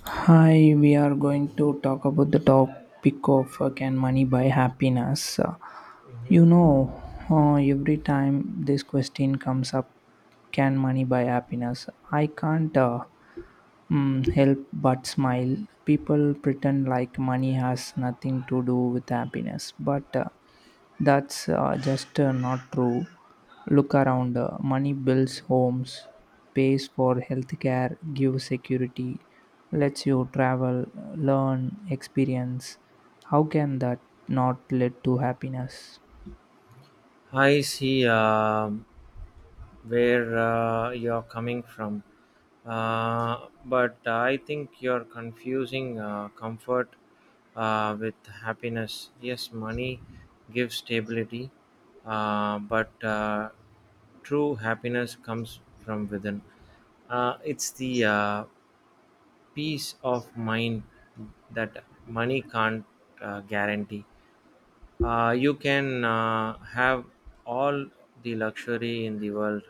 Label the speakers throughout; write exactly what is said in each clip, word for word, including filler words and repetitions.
Speaker 1: Hi, we are going to talk about the topic of uh, can money buy happiness? Uh,
Speaker 2: Mhm.
Speaker 1: you know, uh, every time this question comes up, can money buy happiness? I can't uh, mm, help but smile. People pretend like money has nothing to do with happiness, but uh, that's uh, just uh, not true. Look around. Uh, money builds homes, pays for healthcare, gives security, lets you travel, learn, experience. How can that not lead to happiness?
Speaker 2: I see um where uh, you're coming from, uh, but I think you're confusing uh, comfort uh, with happiness. Yes, money gives stability, uh, but uh, true happiness comes from within. Uh, it's the uh, peace of mind that money can't uh, guarantee. Uh, you can uh, have all the luxury in the world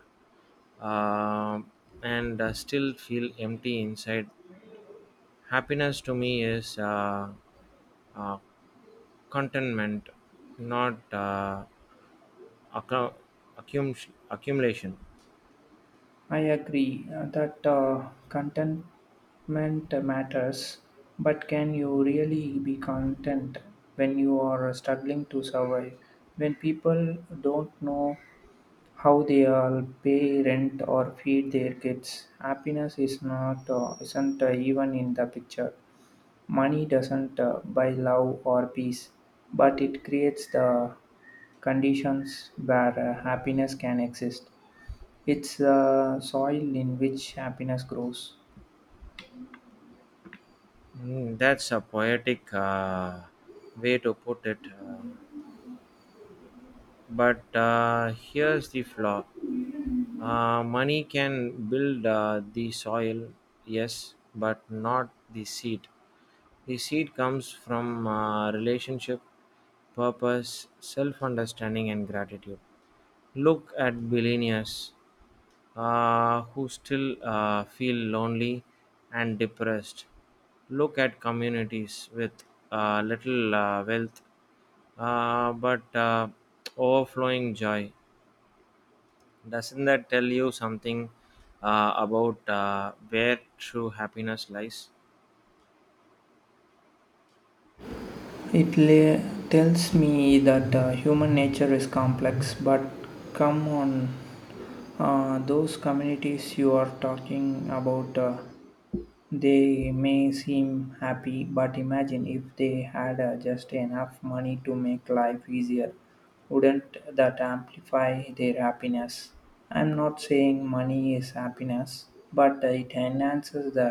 Speaker 2: um, and uh, still feel empty inside. Happiness to me is uh, uh, contentment, not uh, accu- accum- accumulation.
Speaker 1: I agree uh, that uh, contentment matters, but can you really be content when you are struggling to survive? When people don't know how they all pay rent or feed their kids. Happiness is not uh, isn't uh, even in the picture. Money doesn't uh, buy love or peace, but it creates the conditions where uh, happiness can exist. It's the soil in which happiness grows.
Speaker 2: Mm, that's a poetic uh, way to put it. Uh, but uh, Here's the flaw. Uh, money can build uh, the soil, yes, but not the seed. The seed comes from uh, relationship, purpose, self understanding, and gratitude. Look at billionaires uh, who still uh, feel lonely and depressed. Look at communities with uh, little uh, wealth uh, but uh, overflowing joy. Doesn't that tell you something uh, about uh, where true happiness lies?
Speaker 1: It le- Tells me that uh, human nature is complex, but come on, uh, those communities you are talking about. Uh, They may seem happy, but imagine if they had uh, just enough money to make life easier. Wouldn't that amplify their happiness? I'm not saying money is happiness, but it enhances the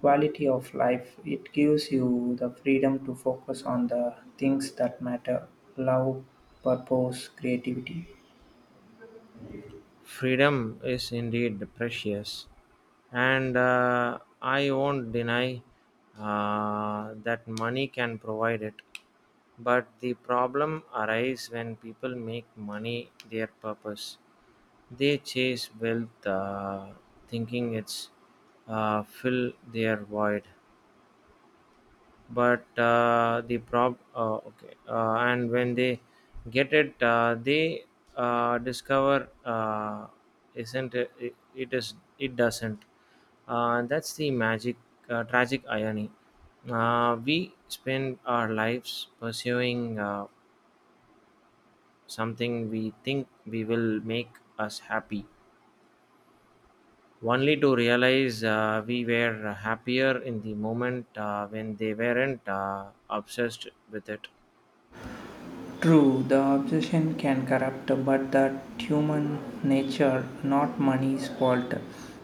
Speaker 1: quality of life. It gives you the freedom to focus on the things that matter: love, purpose, creativity.
Speaker 2: Freedom is indeed precious, and uh, I won't deny uh, that money can provide it. But the problem arises when people make money their purpose. They chase wealth, uh, thinking it's uh, fill their void. But uh, the prob uh, okay uh, And when they get it uh, they uh, discover uh, isn't it, it it is it doesn't uh, that's the magic uh, tragic irony. Uh, we spend our lives pursuing uh, something we think we will make us happy, only to realize uh, we were happier in the moment uh, when they weren't uh, obsessed with it.
Speaker 1: True, the obsession can corrupt, but that human nature, not money's fault.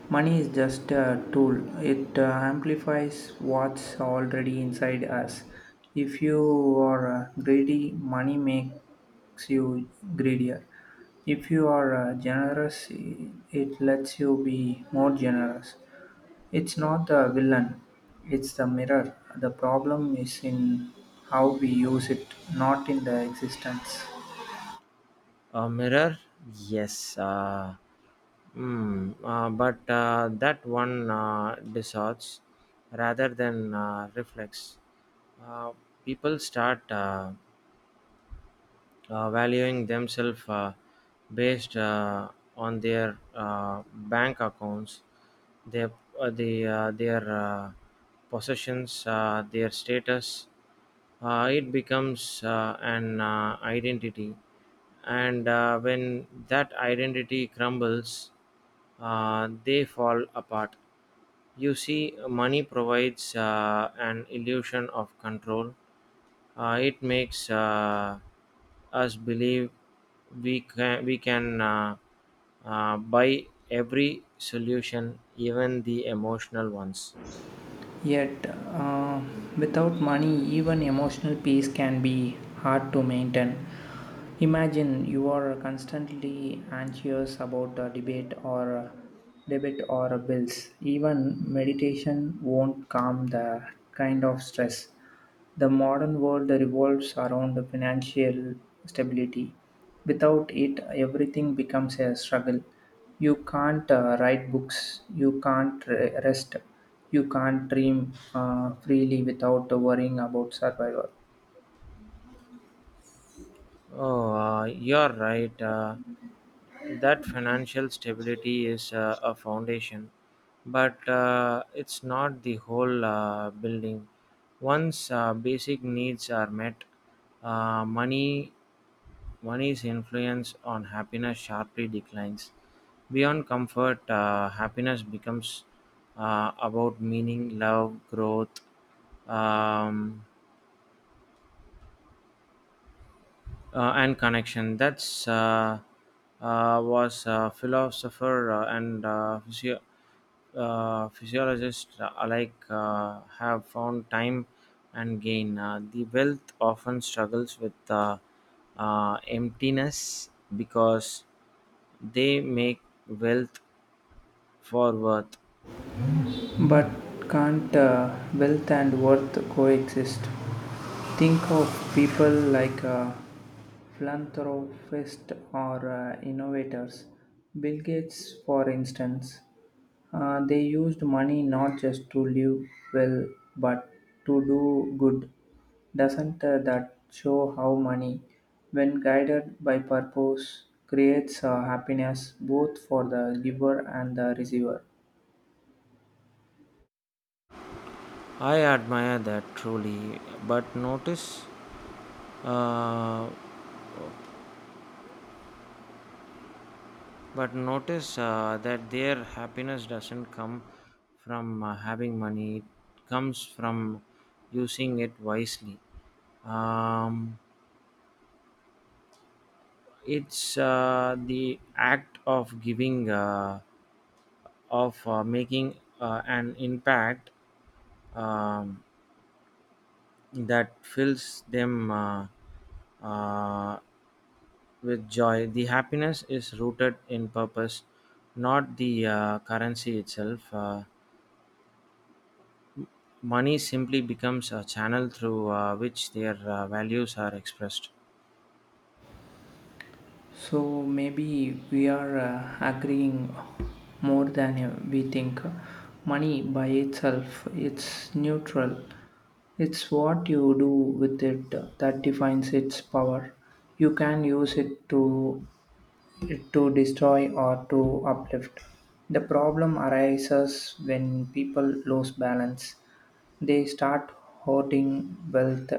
Speaker 1: Money is just a tool, it uh, amplifies what's already inside us. If you are uh, greedy, money makes you greedier. If you are uh, generous, it lets you be more generous. It's not the villain, it's the mirror. The problem is in how we use it, not in the existence.
Speaker 2: A mirror? Yes. Uh, mm, uh, but uh, That one uh, distorts rather than uh, reflects. Uh, People start uh, uh, valuing themselves uh, based uh, on their uh, bank accounts, their uh, the, uh, their uh, possessions, uh, their status. Uh, it becomes uh, an uh, identity, and uh, when that identity crumbles, uh, they fall apart. You see, money provides uh, an illusion of control. Uh, it makes uh, us believe we can we can uh, uh, buy every solution, even the emotional ones.
Speaker 1: Yet, uh, without money, even emotional peace can be hard to maintain. Imagine you are constantly anxious about a debate or a debit or bills. Even meditation won't calm the kind of stress. The modern world revolves around financial stability. Without it, everything becomes a struggle. You can't uh, write books, you can't re- rest, you can't dream uh, freely without worrying about survival.
Speaker 2: Oh, uh, you're right. Uh, that financial stability is uh, a foundation, but uh, it's not the whole uh, building. Once uh, basic needs are met, uh, money money's influence on happiness sharply declines. Beyond comfort, uh, happiness becomes uh, about meaning, love, growth, Um, uh, and connection. That's uh, uh, was a philosopher uh, and uh, physio- uh, physiologists alike uh, have found time and gain. Uh, the wealth often struggles with uh, uh, emptiness because they make wealth for worth.
Speaker 1: But can't uh, wealth and worth coexist? Think of people like uh, philanthropists or uh, innovators. Bill Gates, for instance, Uh, they used money not just to live well but to do good. Doesn't uh, that show how money, when guided by purpose, creates uh, happiness both for the giver and the receiver?
Speaker 2: I admire that truly, but notice uh, But notice uh, that their happiness doesn't come from uh, having money, it comes from using it wisely. Um, it's uh, the act of giving, uh, of uh, making uh, an impact, um, that fills them uh, uh, with joy. The happiness is rooted in purpose, not the uh, currency itself. Uh, Money simply becomes a channel through uh, which their uh, values are expressed.
Speaker 1: So maybe we are uh, agreeing more than uh, we think. Money by itself, it's neutral. It's what you do with it that defines its power. You can use it to to destroy or to uplift. The problem arises when people lose balance. They start hoarding wealth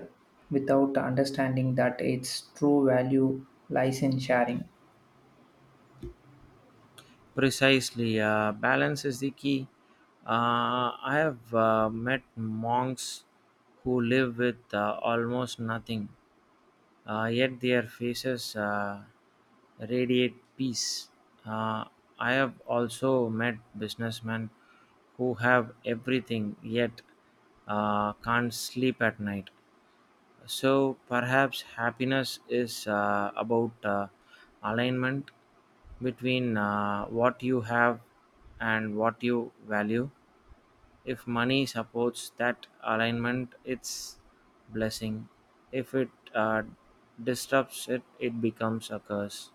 Speaker 1: without understanding that its true value lies in sharing.
Speaker 2: Precisely, uh, balance is the key. Uh, I have uh, met monks who live with uh, almost nothing, uh, yet their faces uh, radiate peace. Uh, I have also met businessmen who have everything yet uh, can't sleep at night. So perhaps happiness is uh, about uh, alignment between uh, what you have and what you value. If money supports that alignment, it's blessing. If it uh, disrupts it, it becomes a curse.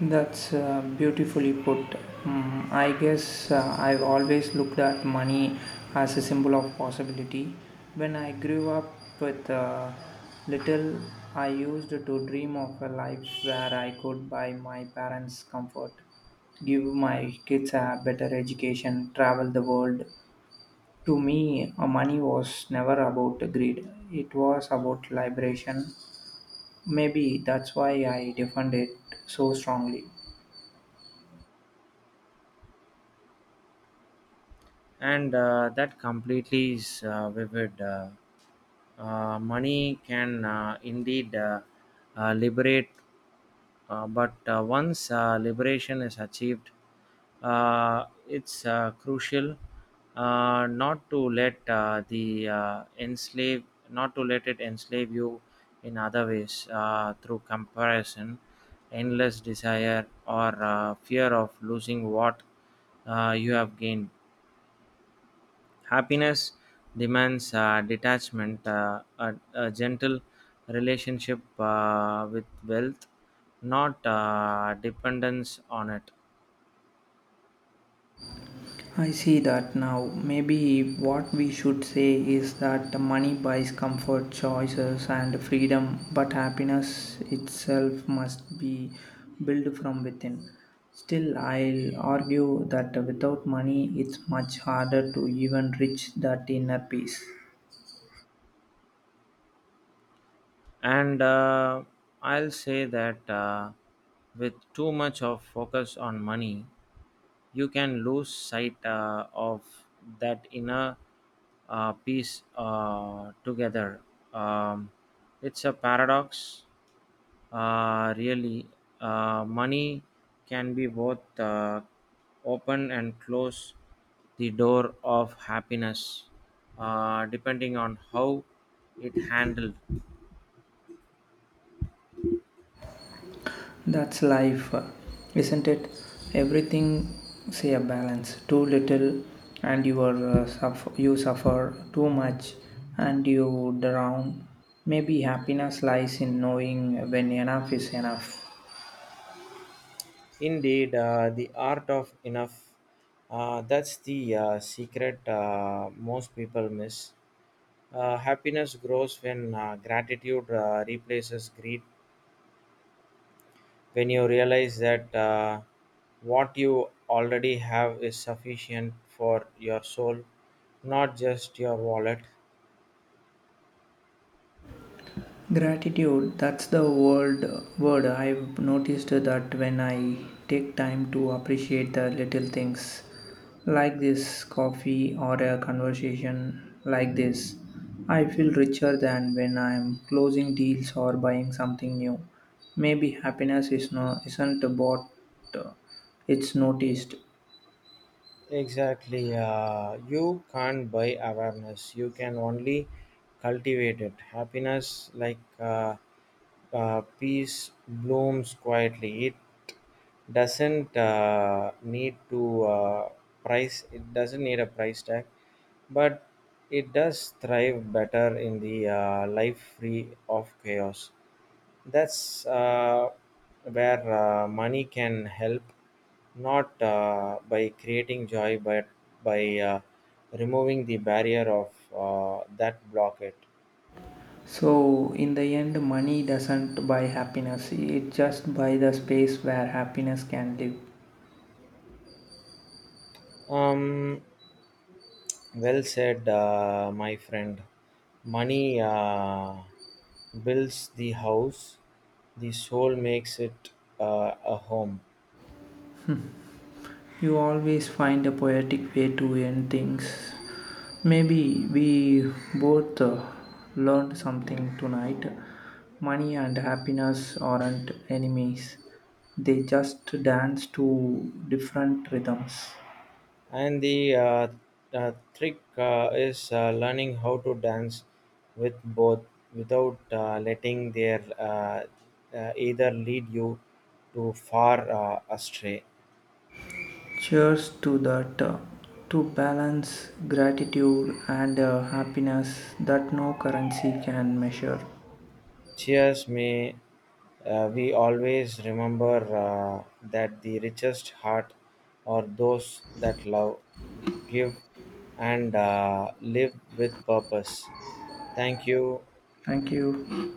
Speaker 1: That's uh, beautifully put. Mm, I guess uh, I've always looked at money as a symbol of possibility. When I grew up with uh, little, I used to dream of a life where I could buy my parents comfort, give my kids a better education, travel the world. To me, uh, money was never about greed, it was about liberation. Maybe that's why I defend it so strongly.
Speaker 2: And uh, that completely is uh, vivid. Uh, uh, money can uh, indeed uh, uh, liberate, uh, but uh, once uh, liberation is achieved, uh, it's uh, crucial uh, not to let uh, the uh, enslave not to let it enslave you in other ways, uh, through comparison, endless desire, or uh, fear of losing what uh, you have gained. Happiness demands uh, detachment, uh, a, a gentle relationship uh, with wealth, not uh, dependence on it.
Speaker 1: I see that now. Maybe what we should say is that money buys comfort, choices, and freedom, but happiness itself must be built from within. Still, I'll argue that without money, it's much harder to even reach that inner peace.
Speaker 2: And uh, I'll say that uh, with too much of focus on money, you can lose sight uh, of that inner uh, peace uh, together. Um, it's a paradox, Uh, really, uh, money can be both uh, open and close the door of happiness, uh, depending on how it handled.
Speaker 1: That's life, isn't it? Everything say a balance. Too little, and you are uh, suffer, you suffer. Too much, and you drown. Maybe happiness lies in knowing when enough is enough.
Speaker 2: Indeed, uh, the art of enough. Uh, that's the uh, secret uh, most people miss. Uh, happiness grows when uh, gratitude uh, replaces greed, when you realize that uh, what you already have is sufficient for your soul, not just your wallet.
Speaker 1: Gratitude, that's the word word I've noticed that when I take time to appreciate the little things, like this coffee or a conversation like this, I feel richer than when I'm closing deals or buying something new. Maybe happiness is no isn't bought, uh, it's noticed.
Speaker 2: Exactly. Uh, you can't buy awareness. You can only cultivate it. Happiness, like uh, uh, peace, blooms quietly. It doesn't uh, need to uh, price. It doesn't need a price tag, but it does thrive better in the uh, life free of chaos. That's uh, where uh, money can help, not uh, by creating joy, but by uh, removing the barrier of uh, that block it.
Speaker 1: So in the end, money doesn't buy happiness, it just buys the space where happiness can live.
Speaker 2: Um, well said, uh, my friend. Money uh, builds the house, the soul makes it uh, a home.
Speaker 1: You always find a poetic way to end things. Maybe we both uh, learned something tonight. Money and happiness aren't enemies, they just dance to different rhythms.
Speaker 2: And the uh, uh, trick uh, is uh, learning how to dance with both without uh, letting their uh, uh, either lead you too far uh, astray.
Speaker 1: Cheers to that, uh, to balance, gratitude, and uh, happiness that no currency can measure.
Speaker 2: Cheers, may uh, we always remember uh, that the richest heart are those that love, give, and uh, live with purpose. Thank you.
Speaker 1: Thank you.